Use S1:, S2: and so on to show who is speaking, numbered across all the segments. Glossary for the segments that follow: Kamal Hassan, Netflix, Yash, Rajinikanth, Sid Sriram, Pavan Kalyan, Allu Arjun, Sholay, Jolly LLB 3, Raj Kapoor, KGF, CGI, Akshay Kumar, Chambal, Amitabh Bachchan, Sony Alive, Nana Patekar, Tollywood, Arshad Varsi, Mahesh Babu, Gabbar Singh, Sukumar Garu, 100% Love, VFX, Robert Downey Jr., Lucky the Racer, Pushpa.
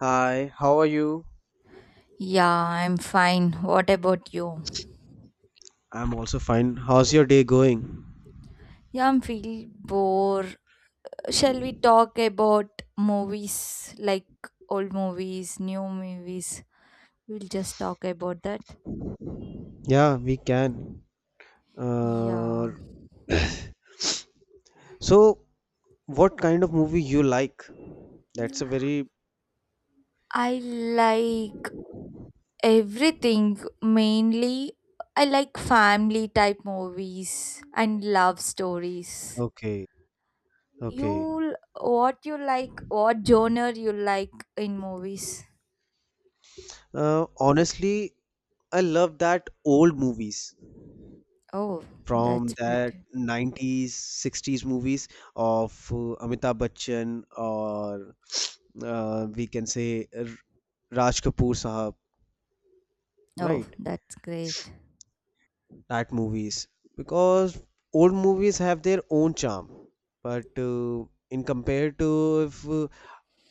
S1: Hi, how are you?
S2: Yeah, I'm fine. What about you?
S1: I'm also fine. How's your day going?
S2: Yeah, I'm feel bored. Shall we talk about movies like old movies, new movies? We'll just talk about that.
S1: Yeah, we can. Uh,
S2: Yeah.
S1: so, what kind of movie you like? That's a very
S2: I like everything. Mainly, I like family type movies and love stories.
S1: Okay, okay.
S2: You what you like, what genre you like in movies?
S1: Honestly, I love that old movies
S2: Oh,
S1: from
S2: that's
S1: that
S2: beautiful.
S1: 90s, 60s movies of Amitabh Bachchan or we can say Raj Kapoor Sahab,
S2: Oh,
S1: right?
S2: that's great.
S1: That movies, because old movies have their own charm, but in compared to if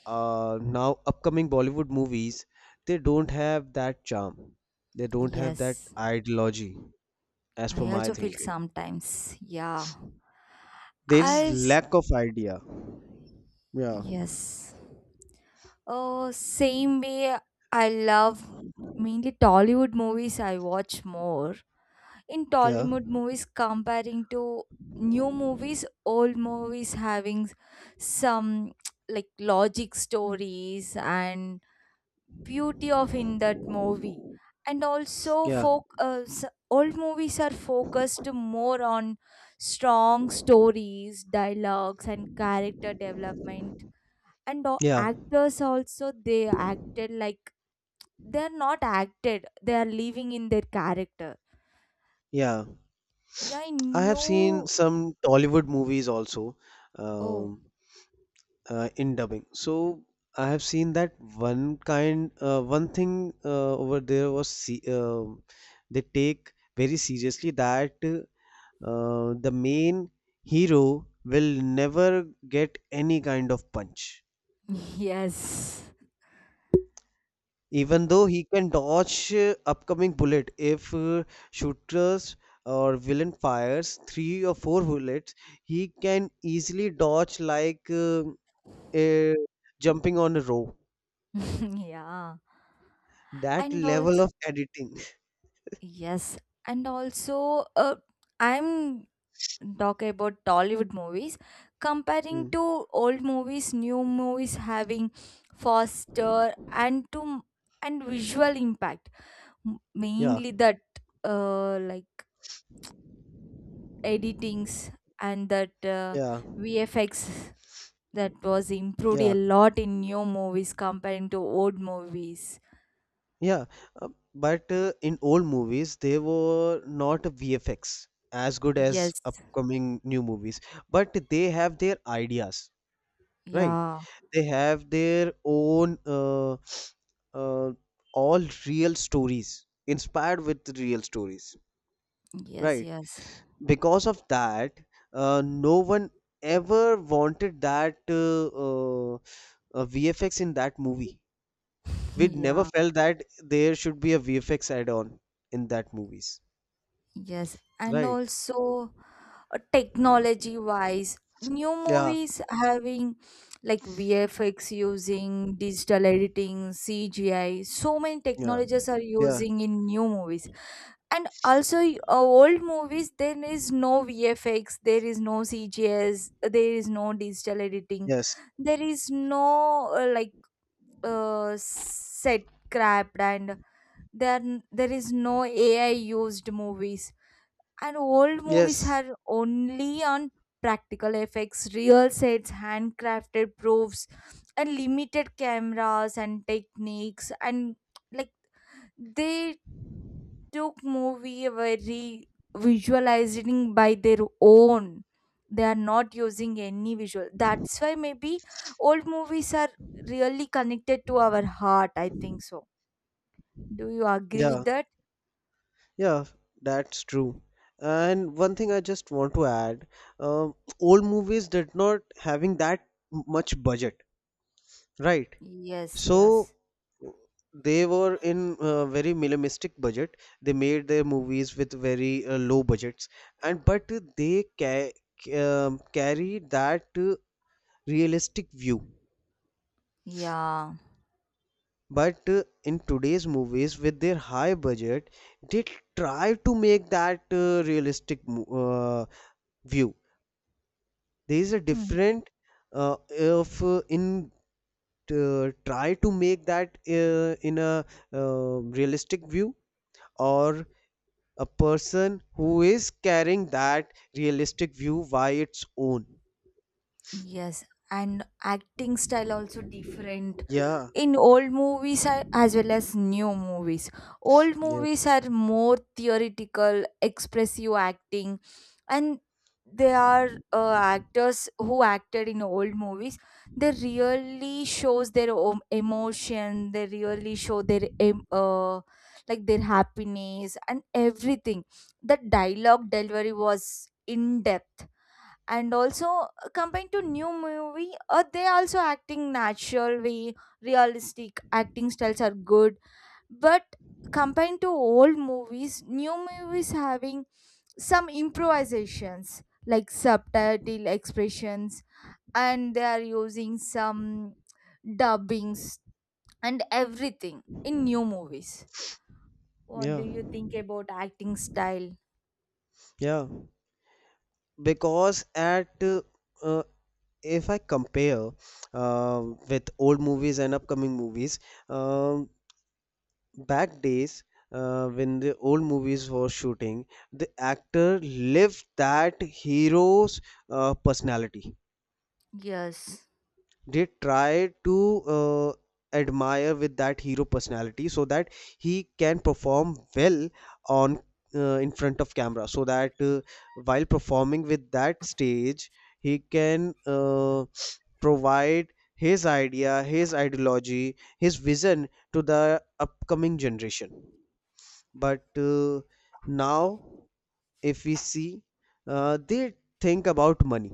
S1: now upcoming Bollywood movies, they don't have that charm, they don't have that
S2: Yes,
S1: ideology, as per
S2: I
S1: my
S2: also feel
S1: thinking.
S2: sometimes. Yeah.
S1: There is
S2: As
S1: lack of idea. Yeah,
S2: yes. Oh, same way I love mainly Tollywood movies I watch more. In
S1: yeah,
S2: Tollywood movies comparing to new movies, old movies having some like logic stories and beauty of in that movie and also
S1: yeah,
S2: folk old movies are focused more on strong stories, dialogues and character development, and
S1: yeah,
S2: actors also they acted like they're not acted, they are living in their character.
S1: yeah.
S2: Yeah, I
S1: I have seen
S2: knew.
S1: some Tollywood movies also,
S2: Oh
S1: um, in dubbing. So I have seen that one thing over there, was se they take very seriously that the main hero will never get any kind of punch,
S2: Yes.
S1: even though he can dodge upcoming bullet. If shooters or villain fires three or four bullets, he can easily dodge like a jumping on a rope.
S2: Yeah.
S1: That
S2: And also
S1: level of editing.
S2: yes, and also I'm talk about Tollywood movies, comparing
S1: Mm.
S2: to old movies, new movies having faster and to and visual impact.
S1: Yeah,
S2: Mainly that like editings and that
S1: yeah,
S2: VFX, that was improved a
S1: yeah,
S2: lot in new movies comparing to old movies.
S1: yeah. Uh, but in old movies, they were not VFX as good as
S2: Yes,
S1: upcoming new movies, but they have their ideas, right?
S2: yeah,
S1: They have their own uh, all real stories, inspired with real stories,
S2: yes,
S1: right?
S2: yes,
S1: Because of that, no one ever wanted that VFX in that movie. We'd never
S2: yeah,
S1: felt that there should be a VFX add-on in that movies,
S2: yes, and
S1: right?
S2: also technology wise new
S1: Yeah,
S2: movies having like VFX, using digital editing, CGI, so many
S1: yeah,
S2: technologies are
S1: yeah,
S2: using in new movies. And also old movies, there is no VFX, there is no CGs, there is no digital editing,
S1: yes,
S2: there is no like set crapped, and there is no AI used movies. And old movies
S1: yes,
S2: are only on practical effects, real sets, handcrafted proofs, and limited cameras and techniques. And like they took movie very visualizing by their own. They are not using any visual. That's why maybe old movies are really connected to our heart. I think so. Do you agree
S1: yeah,
S2: with that?
S1: yeah. That's true. And one thing I just want to add, um old movies did not having that much budget, right?
S2: Yes,
S1: So
S2: yes.
S1: they were in very minimalistic budget. They made their movies with very low budgets, and but they ca- carry that realistic view.
S2: Yeah.
S1: But in today's movies, with their high budget, they try to make that realistic view. There is a different, if in try to make that in a realistic view, or a person who is carrying that realistic view by its own.
S2: Yes, and acting style also different
S1: Yeah,
S2: in old movies as well as new movies. Old
S1: yes,
S2: movies are more theoretical, expressive acting, and they are actors who acted in old movies. They really shows their own emotion. They really show their like their happiness and everything. The dialogue delivery was in depth, and also compared to new movie they also acting natural way, realistic acting styles are good, but compared to old movies, new movies having some improvisations like subtitle expressions, and they are using some dubbings and everything in new movies. What do
S1: yeah,
S2: you think about acting style?
S1: yeah. Because at uh, if I compare uh, with old movies and upcoming movies, um, back days, when the old movies were shooting, the actor lived that hero's personality.
S2: Yes,
S1: They try to admire with that hero personality, so that he can perform well on in front of camera, so that while performing with that stage, he can provide his idea, his ideology, his vision to the upcoming generation. But now, if we see, they think about money.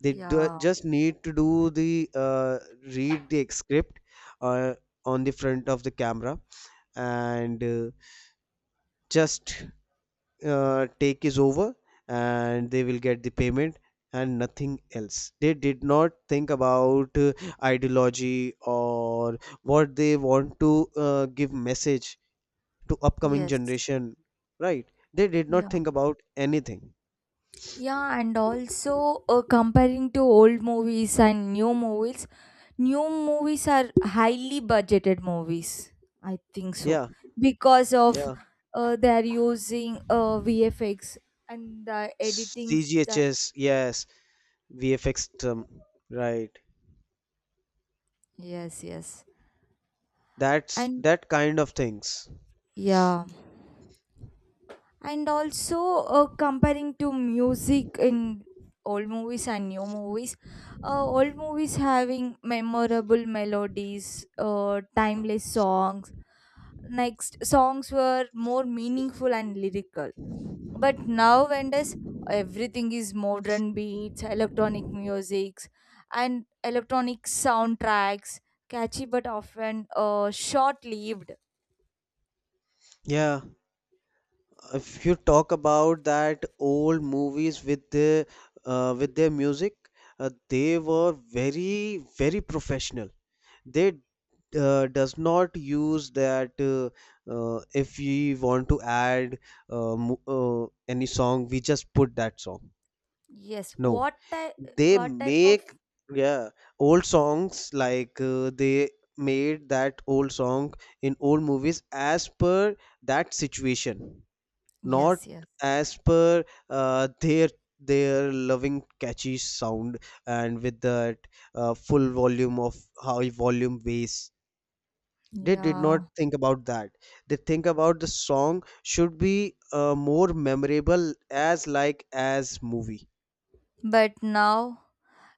S2: yeah,
S1: Just need to do the read the script, uh, on the front of the camera, and just take is over, and they will get the payment, and nothing else. They did not think about ideology, or what they want to give message to upcoming
S2: yes,
S1: generation, right? They did not
S2: yeah.
S1: think about anything.
S2: Yeah, and also comparing to old movies and new movies are highly budgeted movies. I think so
S1: Yeah,
S2: because of
S1: yeah.
S2: they are using VFX and the editing stuff.
S1: cghs. Yes, VFX term, right?
S2: Yes, yes,
S1: That's
S2: and
S1: that kind of things.
S2: yeah, and also comparing to music in old movies and new movies, old movies having memorable melodies, timeless songs. Next, songs were more meaningful and lyrical. But now, nowadays, everything is modern beats, electronic musics, and electronic soundtracks, catchy but often short-lived.
S1: Yeah, if you talk about that old movies with the with their music, they were very very professional. They does not use that if we want to add any song, we just put that song.
S2: Yes,
S1: No,
S2: what type?
S1: they
S2: What type
S1: make.
S2: of?
S1: Yeah, old songs like they made that old song in old movies as per that situation, not
S2: Yes, yes,
S1: as per uh, their their loving catchy sound, and with that full volume of high volume bass. They did not
S2: yeah.
S1: think about that. They think about the song should be more memorable as like as movie.
S2: But now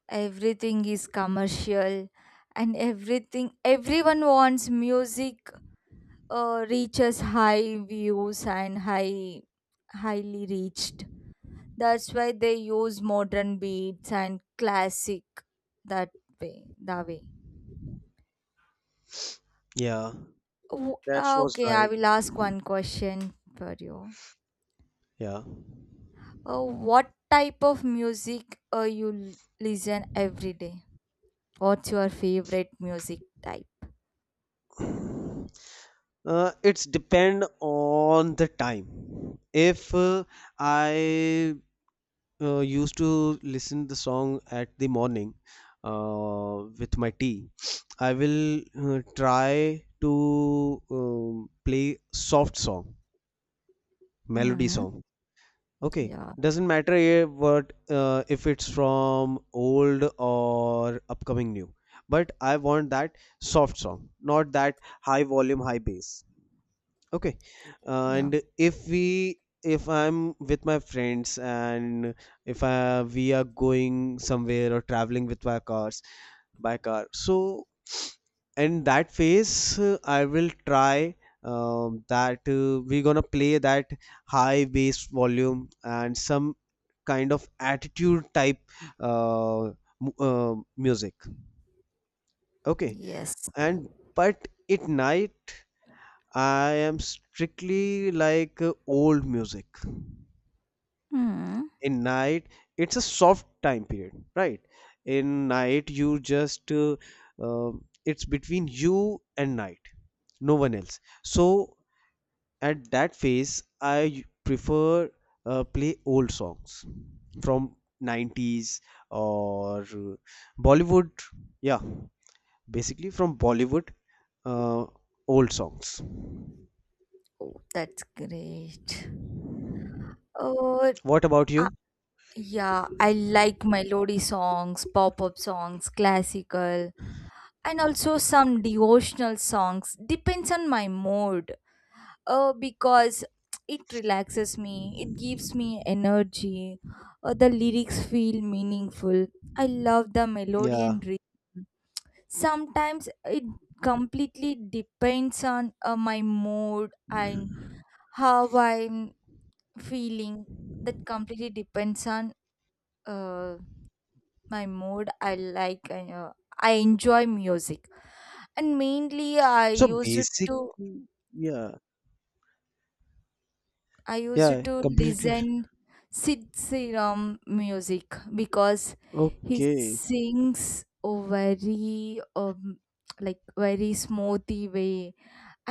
S2: everything is commercial, and everything everyone wants music reaches high views and highly reached. That's why they use modern beats and classic, that that way.
S1: Yeah. That was
S2: Okay, I
S1: right.
S2: will ask one question for you.
S1: Yeah.
S2: What type of music you listen every day? What's your favorite music type?
S1: uh, it's depend on the time. If I used to listen the song at the morning with my tea, I will try to um, play soft song, melody
S2: Mm-hmm.
S1: song. Okay,
S2: Yeah.
S1: doesn't matter what, if it's from old or upcoming new, but I want that soft song, not that high volume, high bass. Okay.
S2: Yeah.
S1: And if I'm with my friends, and if I, we are going somewhere or traveling with my cars, by car. So in that phase, I will try, that we're gonna play that high bass volume and some kind of attitude type uh, music. Okay.
S2: Yes.
S1: And but at night, I am strictly like old music.
S2: Mm-hmm.
S1: In night, it's a soft time period, right? In night, you just it's between you and night, no one else. So at that phase, I prefer play old songs from 90s or Bollywood. Yeah, basically from Bollywood, uh, old songs.
S2: Oh, that's great. Oh.
S1: What about you?
S2: Yeah, I like melody songs, pop up songs, classical, and also some devotional songs. Depends on my mood. Because it relaxes me, it gives me energy. The lyrics feel meaningful. I love the melody
S1: Yeah.
S2: and rhythm. Sometimes it completely depends on my mood and how I'm feeling. That completely depends on. Uh, my mood, I like I enjoy music, and mainly i
S1: So
S2: used
S1: basically,
S2: to
S1: yeah,
S2: i used
S1: yeah,
S2: to
S1: completely.
S2: listen sid Sriram music because he
S1: Okay,
S2: sings a very um, like very smoothy way,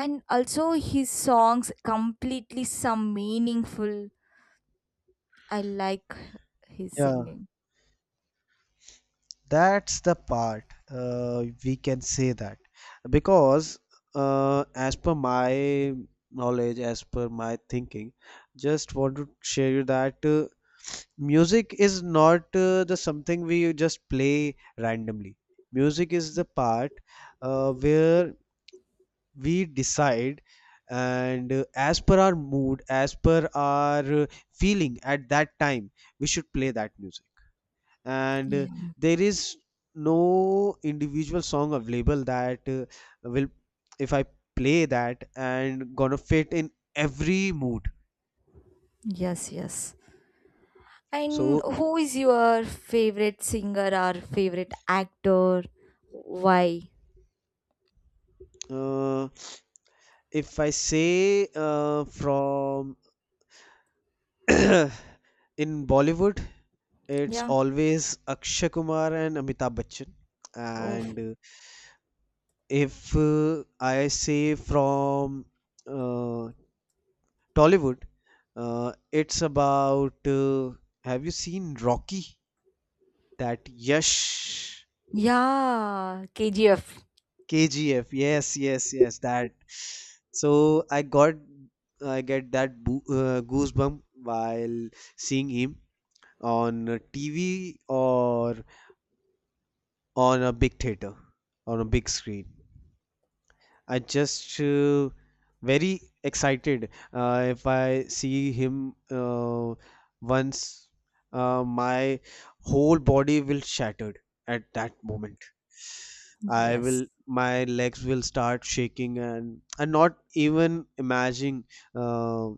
S2: and also his songs completely some meaningful. I like his
S1: yeah,
S2: singing.
S1: that's the part we can say that, because as per my knowledge, as per my thinking, just want to share you that music is not the something we just play randomly. Music is the part where we decide, and as per our mood, as per our feeling at that time, we should play that music, and
S2: Yeah,
S1: there is no individual song available that will, if I play that, and gonna fit in every mood.
S2: yes, yes. And
S1: So
S2: who is your favorite singer or favorite actor? Why?
S1: uh, if I say from in Bollywood, it's
S2: Yeah.
S1: always Akshay Kumar and Amitabh Bachchan. And
S2: Oh.
S1: if I say from uh, Tollywood, it's about, have you seen Rocky? That Yash.
S2: Yeah. KGF.
S1: KGF. Yes, yes, yes. That. So I get that boo goosebump while seeing him on a TV, or on a big theater, on a big screen. I just very excited if I see him once. My whole body will shattered at that moment.
S2: Yes.
S1: My legs will start shaking, and not even imagining uh,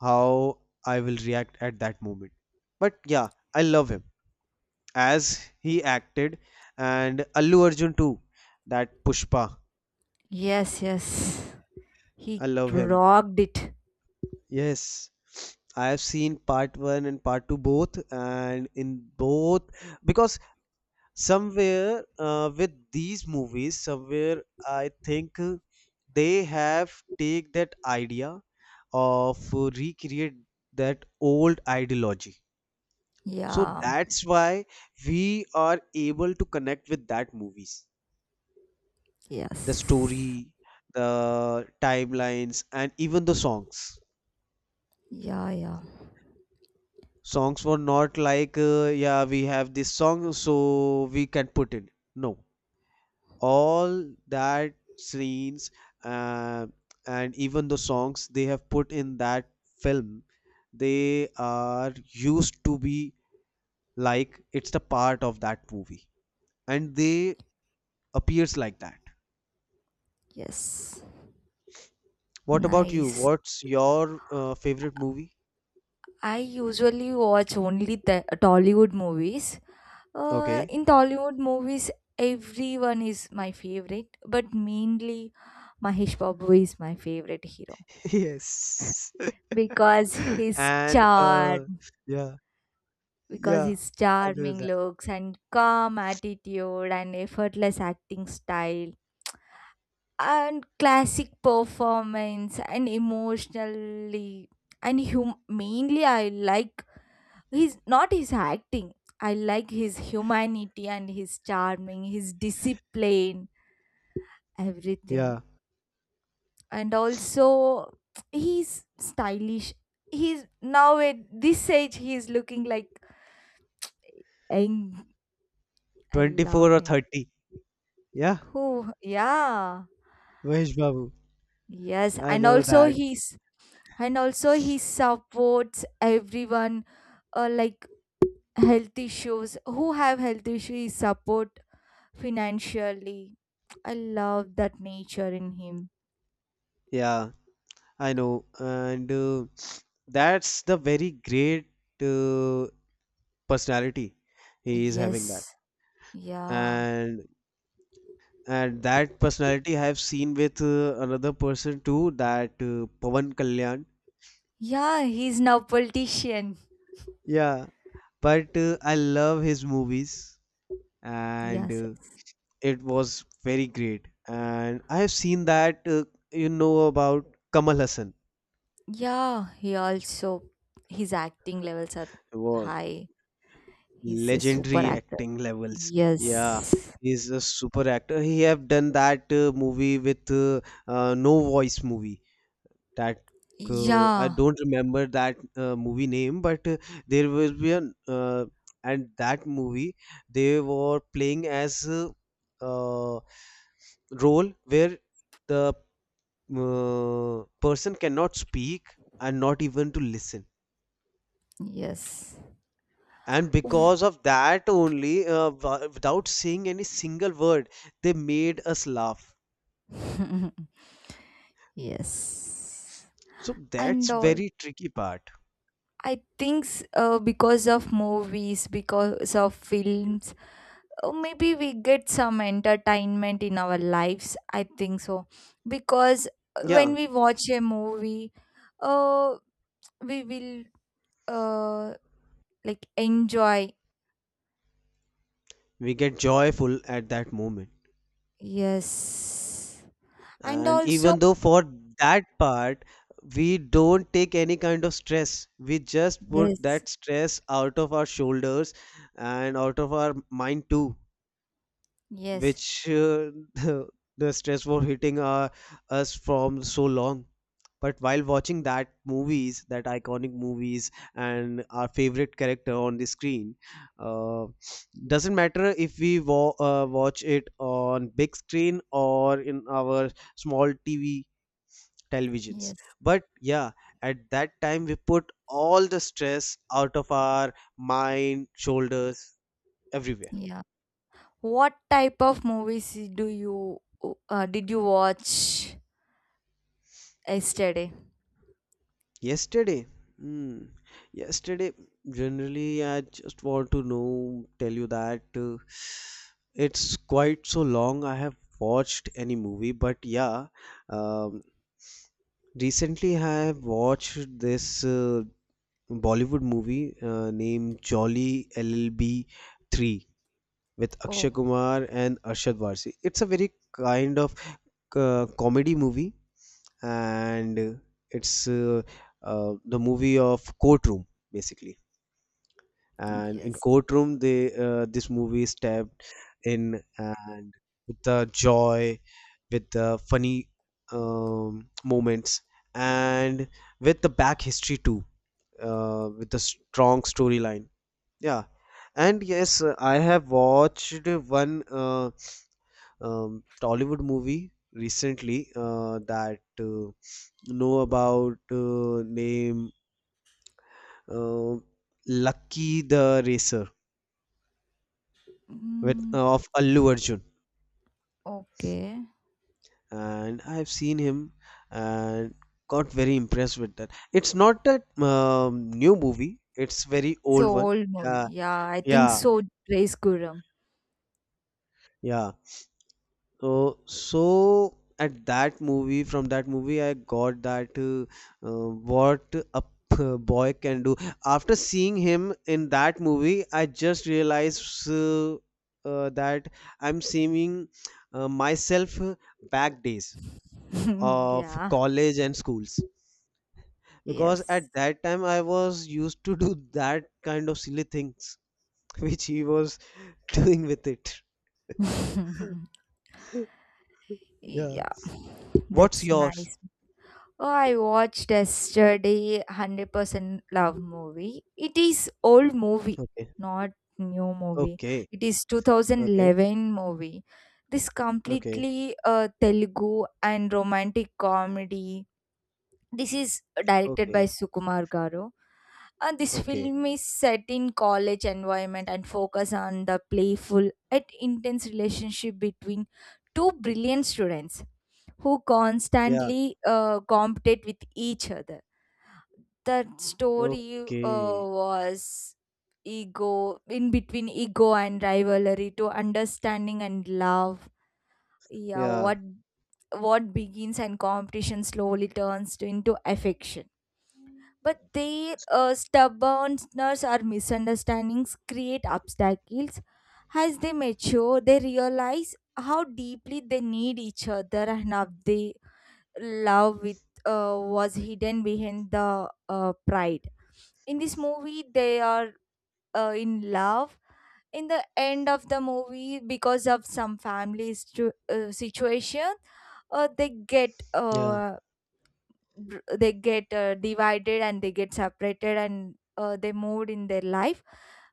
S1: how I will react at that moment. But yeah, I love him as he acted, and Allu Arjun too. That Pushpa,
S2: Yes, yes. He
S1: I love him.
S2: rocked it.
S1: Yes, I have seen part one and part two both, and in both, because somewhere with these movies, somewhere I think they have take that idea of recreate that old ideology. So
S2: Yeah.
S1: that's why we are able to connect with that movies, the
S2: Yes.
S1: story, the timelines, and even the songs.
S2: Yeah, yeah.
S1: Songs were not like, yeah, we have this song so we can put in. No, all that scenes. uh, and even the songs they have put in that film, they are used to be like it's the part of that movie, and they appears like that.
S2: Yes.
S1: What about you?
S2: Nice.
S1: What's your favorite movie?
S2: I usually watch only the Tollywood movies.
S1: Okay.
S2: In Tollywood movies, everyone is my favorite, but mainly Mahesh Babu is my favorite hero.
S1: Yes.
S2: Because his
S1: And
S2: charm,
S1: yeah,
S2: because
S1: yeah,
S2: his
S1: I know
S2: charming
S1: that.
S2: looks and calm attitude and effortless acting style and classic performance and emotionally, and mainly I like his not his acting. I like his humanity and his charming, his discipline,
S1: Yeah.
S2: everything. And also he's stylish, he's now at this age he's looking like young. I love
S1: 24 or
S2: him.
S1: 30. Yeah,
S2: Who? Yeah,
S1: Mahesh Babu.
S2: yes.
S1: I
S2: And
S1: know
S2: also
S1: that.
S2: he's, and also he supports everyone, like health issues, who have health issues support financially. I love that nature in him.
S1: Yeah, I know. And that's the very great uh, personality he is
S2: Yes,
S1: having that.
S2: yeah,
S1: And and that personality I have seen with another person too, that Pavan Kalyan.
S2: yeah. He's now politician.
S1: Yeah, but I love his movies, and
S2: Yes, yes.
S1: it was very great. And I have seen that. You know about Kamal Hassan.
S2: Yeah, he also his acting levels are high. He's a super
S1: Legendary
S2: actor.
S1: acting levels. Yeah,
S2: Yes.
S1: he's a super actor. He have done that movie with, no voice movie, that. I
S2: Yeah.
S1: don't remember that movie name, but there will be an, and that movie they were playing as uh, role where the person cannot speak and not even to listen.
S2: Yes.
S1: And because of that only, without saying any single word, they made us laugh.
S2: Yes.
S1: So
S2: And
S1: that's
S2: all.
S1: very tricky part.
S2: I think because of movies, because of films, maybe we get some entertainment in our lives. I think so. Because
S1: Yeah,
S2: when we watch a movie, uh, we will. Uh, like enjoy.
S1: we get joyful at that moment.
S2: Yes, and
S1: And
S2: also
S1: even though for that part, we don't take any kind of stress, we just put
S2: yes,
S1: that stress out of our shoulders, and out of our mind too,
S2: yes,
S1: which the stress was hitting us from so long. But while watching that movies, that iconic movies, and our favorite character on the screen, uh, doesn't matter if watch it on big screen or in our small TV televisions.
S2: yes,
S1: But yeah, at that time we put all the stress out of our mind, shoulders, everywhere.
S2: yeah. What type of movies do you did you watch yesterday?
S1: Yesterday, hmm, yesterday, generally, I just want to know, tell you that it's quite so long I have watched any movie, but yeah, um, recently I have watched this Bollywood movie named Jolly LLB 3 with Akshay
S2: Oh.
S1: Kumar and Arshad Varsi. It's a very kind of comedy movie, and it's the movie of courtroom basically, and in
S2: Yes.
S1: courtroom they this movie is tapped in, and with the joy, with the funny moments, and with the back history too, with the strong storyline, yeah. And yes, I have watched one Tollywood movie recently, that know about name, uh, Lucky the Racer, with
S2: Mm.
S1: of Allu Arjun,
S2: Okay.
S1: and I've seen him, and got very impressed with that. It's not that new movie; it's very
S2: So
S1: old one.
S2: old
S1: Yeah,
S2: movie, yeah, I think
S1: yeah,
S2: so. Praise Guram.
S1: yeah. So at that movie, from that movie, I got that what a boy can do. After seeing him in that movie, I just realized that I'm seeing myself back days of
S2: Yeah.
S1: college and schools because
S2: Yes.
S1: at that time I was used to do that kind of silly things which he was doing with it. Yeah.
S2: Yeah.
S1: What's
S2: That's
S1: yours?
S2: nice. Oh, I watched yesterday 100% Love movie. It is old movie,
S1: Okay.
S2: not new movie.
S1: Okay.
S2: It is
S1: Okay.
S2: 2011 movie. This
S1: Okay.
S2: completely Telugu and romantic comedy. This is directed by
S1: Okay.
S2: Sukumar Garu. And this
S1: Okay.
S2: film is set in college environment and focus on the playful yet intense relationship between two brilliant students who
S1: Yeah.
S2: constantly compete with each other. That story
S1: Okay.
S2: was ego in between, ego and rivalry to understanding and love. Yeah,
S1: Yeah.
S2: what begins and competition slowly turns to, into affection. But their stubbornness or misunderstandings create obstacles. As they mature, they realize how deeply they need each other and how they love with was hidden behind the pride. In this movie, they are in love. In the end of the movie, because of some family situation, they get
S1: Yeah.
S2: they get divided, and they get separated, and they moved in their life.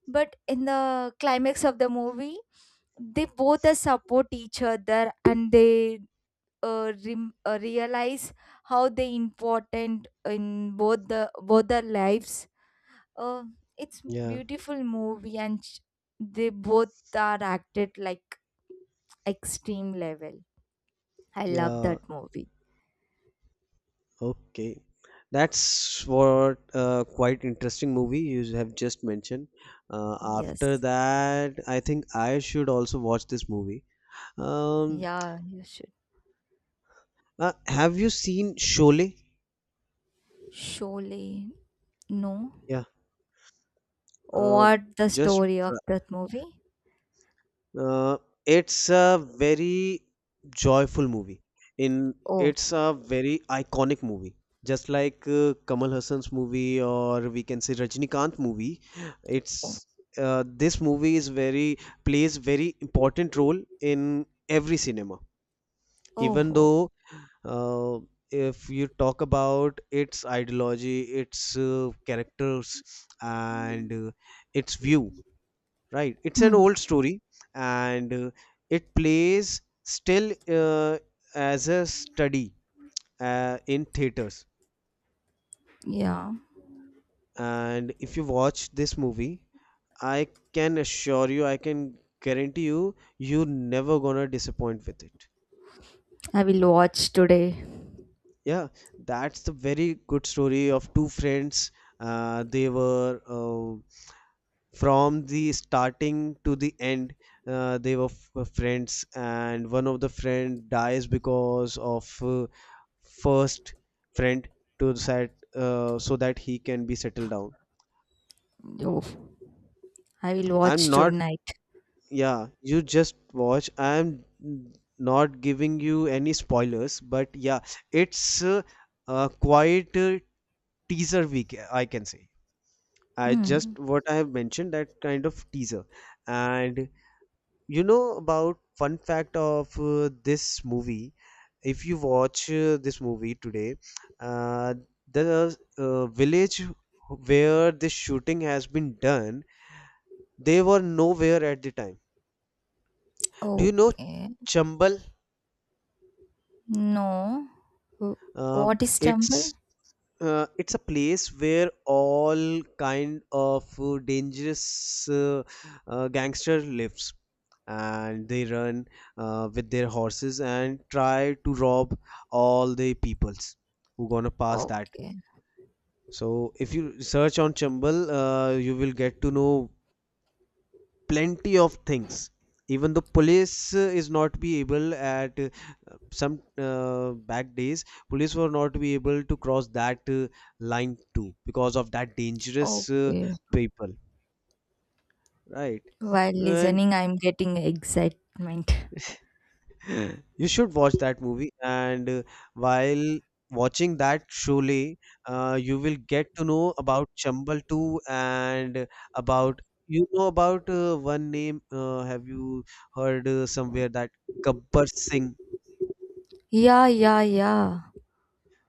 S2: But in the climax of the movie, they both support each other, and they realize how they important in both the both their lives. Uh, it's
S1: Yeah.
S2: beautiful movie, and they both are acted like extreme level. I love
S1: Yeah.
S2: that movie.
S1: Okay. That's what quite interesting movie you have just mentioned. After
S2: Yes.
S1: that, I think I should also watch this movie. Um,
S2: Yeah, you should.
S1: have you seen Sholay?
S2: Surely no.
S1: Yeah. Uh,
S2: What the
S1: just
S2: story of that movie?
S1: Uh, it's a very joyful movie. In
S2: Oh.
S1: it's a very iconic movie, just like Kamal Hassan's movie or we can say Rajinikanth movie.
S2: Oh,
S1: It's this movie is very plays very important role in every cinema.
S2: oh.
S1: Even
S2: Oh.
S1: though uh, if you talk about its ideology, its characters, and its view right it's an
S2: Hmm.
S1: old story and it plays still as a study in theaters
S2: Yeah,
S1: and if you watch this movie I can assure you, I can guarantee you, you're never gonna disappoint with it.
S2: I will watch today.
S1: Yeah, that's the very good story of two friends. They were from the starting to the end, they were friends and one of the friend dies because of first friend to set so that he can be settled down.
S2: Oh, I will
S1: I'm
S2: watch
S1: not
S2: tonight.
S1: Yeah, you just watch. I'm not giving you any spoilers, but yeah, it's a quite teaser week, I can say. I just
S2: Hmm.
S1: what I have mentioned, that kind of teaser. And you know about fun fact of this movie. If you watch this movie today, uh, the village where this shooting has been done, they were nowhere at the time. Do you know
S2: Okay.
S1: Chambal?
S2: No. Wh-
S1: Uh,
S2: What is temple?
S1: it's it's a place where all kind of dangerous gangster lives and they run with their horses and try to rob all the peoples who gonna pass that.
S2: Okay.
S1: So if you search on Chambal, you will get to know plenty of things. Even the police is not be able at some back days, police were not be able to cross that line too because of that dangerous
S2: Okay.
S1: people, right.
S2: While
S1: And
S2: listening, I'm getting excitement.
S1: you should watch that movie, and while watching that, surely you will get to know about Chambal 2 and about, you know about one name. Have you heard somewhere that Gabbar Singh?
S2: Yeah, yeah, yeah.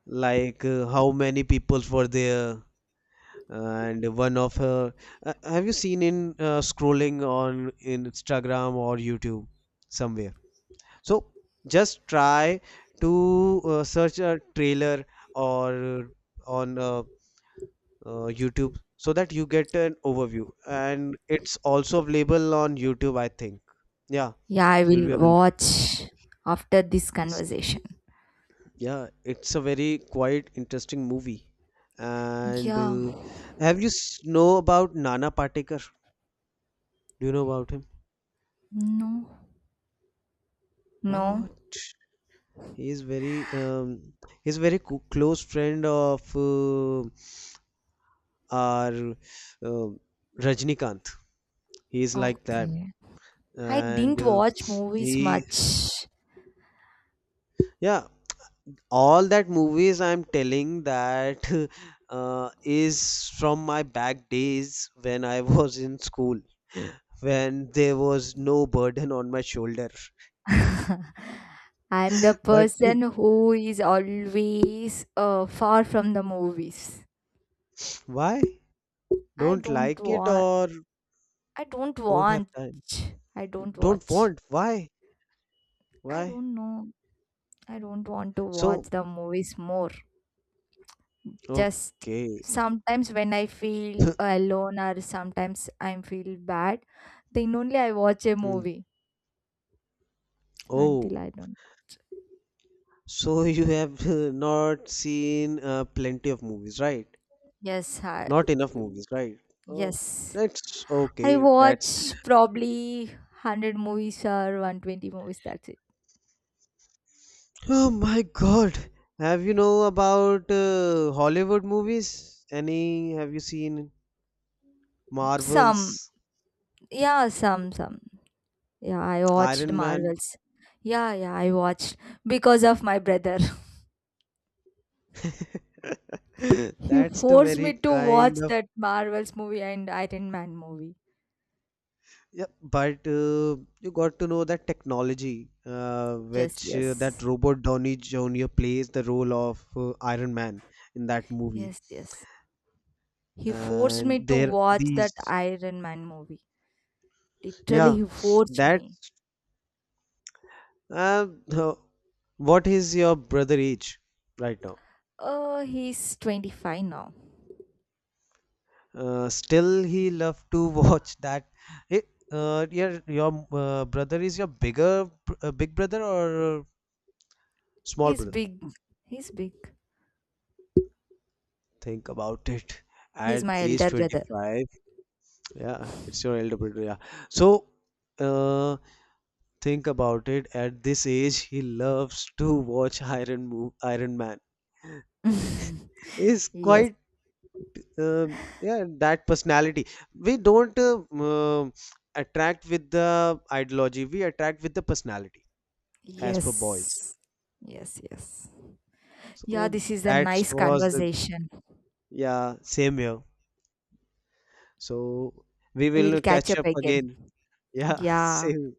S1: Like how many people were there? And one of her, have you seen in scrolling on in Instagram or YouTube somewhere? So just try to search a trailer or on YouTube so that you get an overview, and it's also available on YouTube, I think. Yeah,
S2: Yeah, I
S1: it will
S2: will
S1: be
S2: watch after this
S1: available.
S2: conversation.
S1: Yeah, it's a very quite interesting movie. And
S2: Yeah.
S1: have you know about Nana Patekar? Do you know about him?
S2: No. No.
S1: What, he is very he's very close friend of Or uh, Rajnikant. He's like that,
S2: Okay. I
S1: and
S2: didn't watch movies
S1: he
S2: much.
S1: yeah. All that movies I'm telling that is from my back days when I was in school, when there was no burden on my shoulder.
S2: I'm the
S1: But
S2: person who is always far from the movies.
S1: why?
S2: I
S1: Don't
S2: don't
S1: like it,
S2: want
S1: or
S2: I don't
S1: don't have
S2: want.
S1: time?
S2: I don't
S1: Don't
S2: watch.
S1: want? Why?
S2: I
S1: Why?
S2: don't know. I don't want to watch
S1: So
S2: the movies more. Just
S1: okay.
S2: sometimes when I feel alone or sometimes I feel bad, then only I watch a
S1: Mm.
S2: movie
S1: Oh.
S2: until I don't.
S1: So you have not seen plenty of movies, right?
S2: Yes, I,
S1: Not enough movies, right? Oh,
S2: yes.
S1: that's
S2: I
S1: okay. That's
S2: watch probably 100 movies or 120 movies. That's it.
S1: oh my God. Have you know about Hollywood movies? Any? Have you seen
S2: Some.
S1: Marvels,
S2: Yeah, some, some. Yeah, I watched
S1: Iron Man?
S2: Marvels. Yeah, yeah, I watched because of my brother. He
S1: That's the
S2: forced me
S1: very
S2: to
S1: kind
S2: watch
S1: of
S2: that Marvel's movie and Iron Man movie.
S1: yeah. But you got to know that technology,
S2: Yes,
S1: which that
S2: yes.
S1: Robert Downey Jr. plays the role of Iron Man in that movie.
S2: Yes, yes. He forced me
S1: And
S2: to
S1: there
S2: watch that
S1: these
S2: Iron Man movie. Literally,
S1: yeah,
S2: he forced me.
S1: that's um, uh, the- what is your brother age right now?
S2: Oh, he's 25 now.
S1: Still he love to watch that. It, your your brother is your bigger big brother or small
S2: He's
S1: brother?
S2: big. He's big.
S1: Think about it,
S2: He's
S1: at
S2: my
S1: age
S2: elder brother.
S1: 25. Yeah, it's your elder brother, yeah. So uh, think about it, at this age, he loves to watch Iron Man. Is
S2: Yes,
S1: quite yeah, that personality. We don't attract with the ideology. We attract with the personality as for boys.
S2: yes. Yes, yes. Yeah,
S1: So
S2: this is a
S1: that
S2: nice
S1: was the
S2: conversation.
S1: yeah, same here. So we
S2: We will
S1: will
S2: catch
S1: catch
S2: up
S1: up
S2: again.
S1: again. Yeah,
S2: Yeah.
S1: same.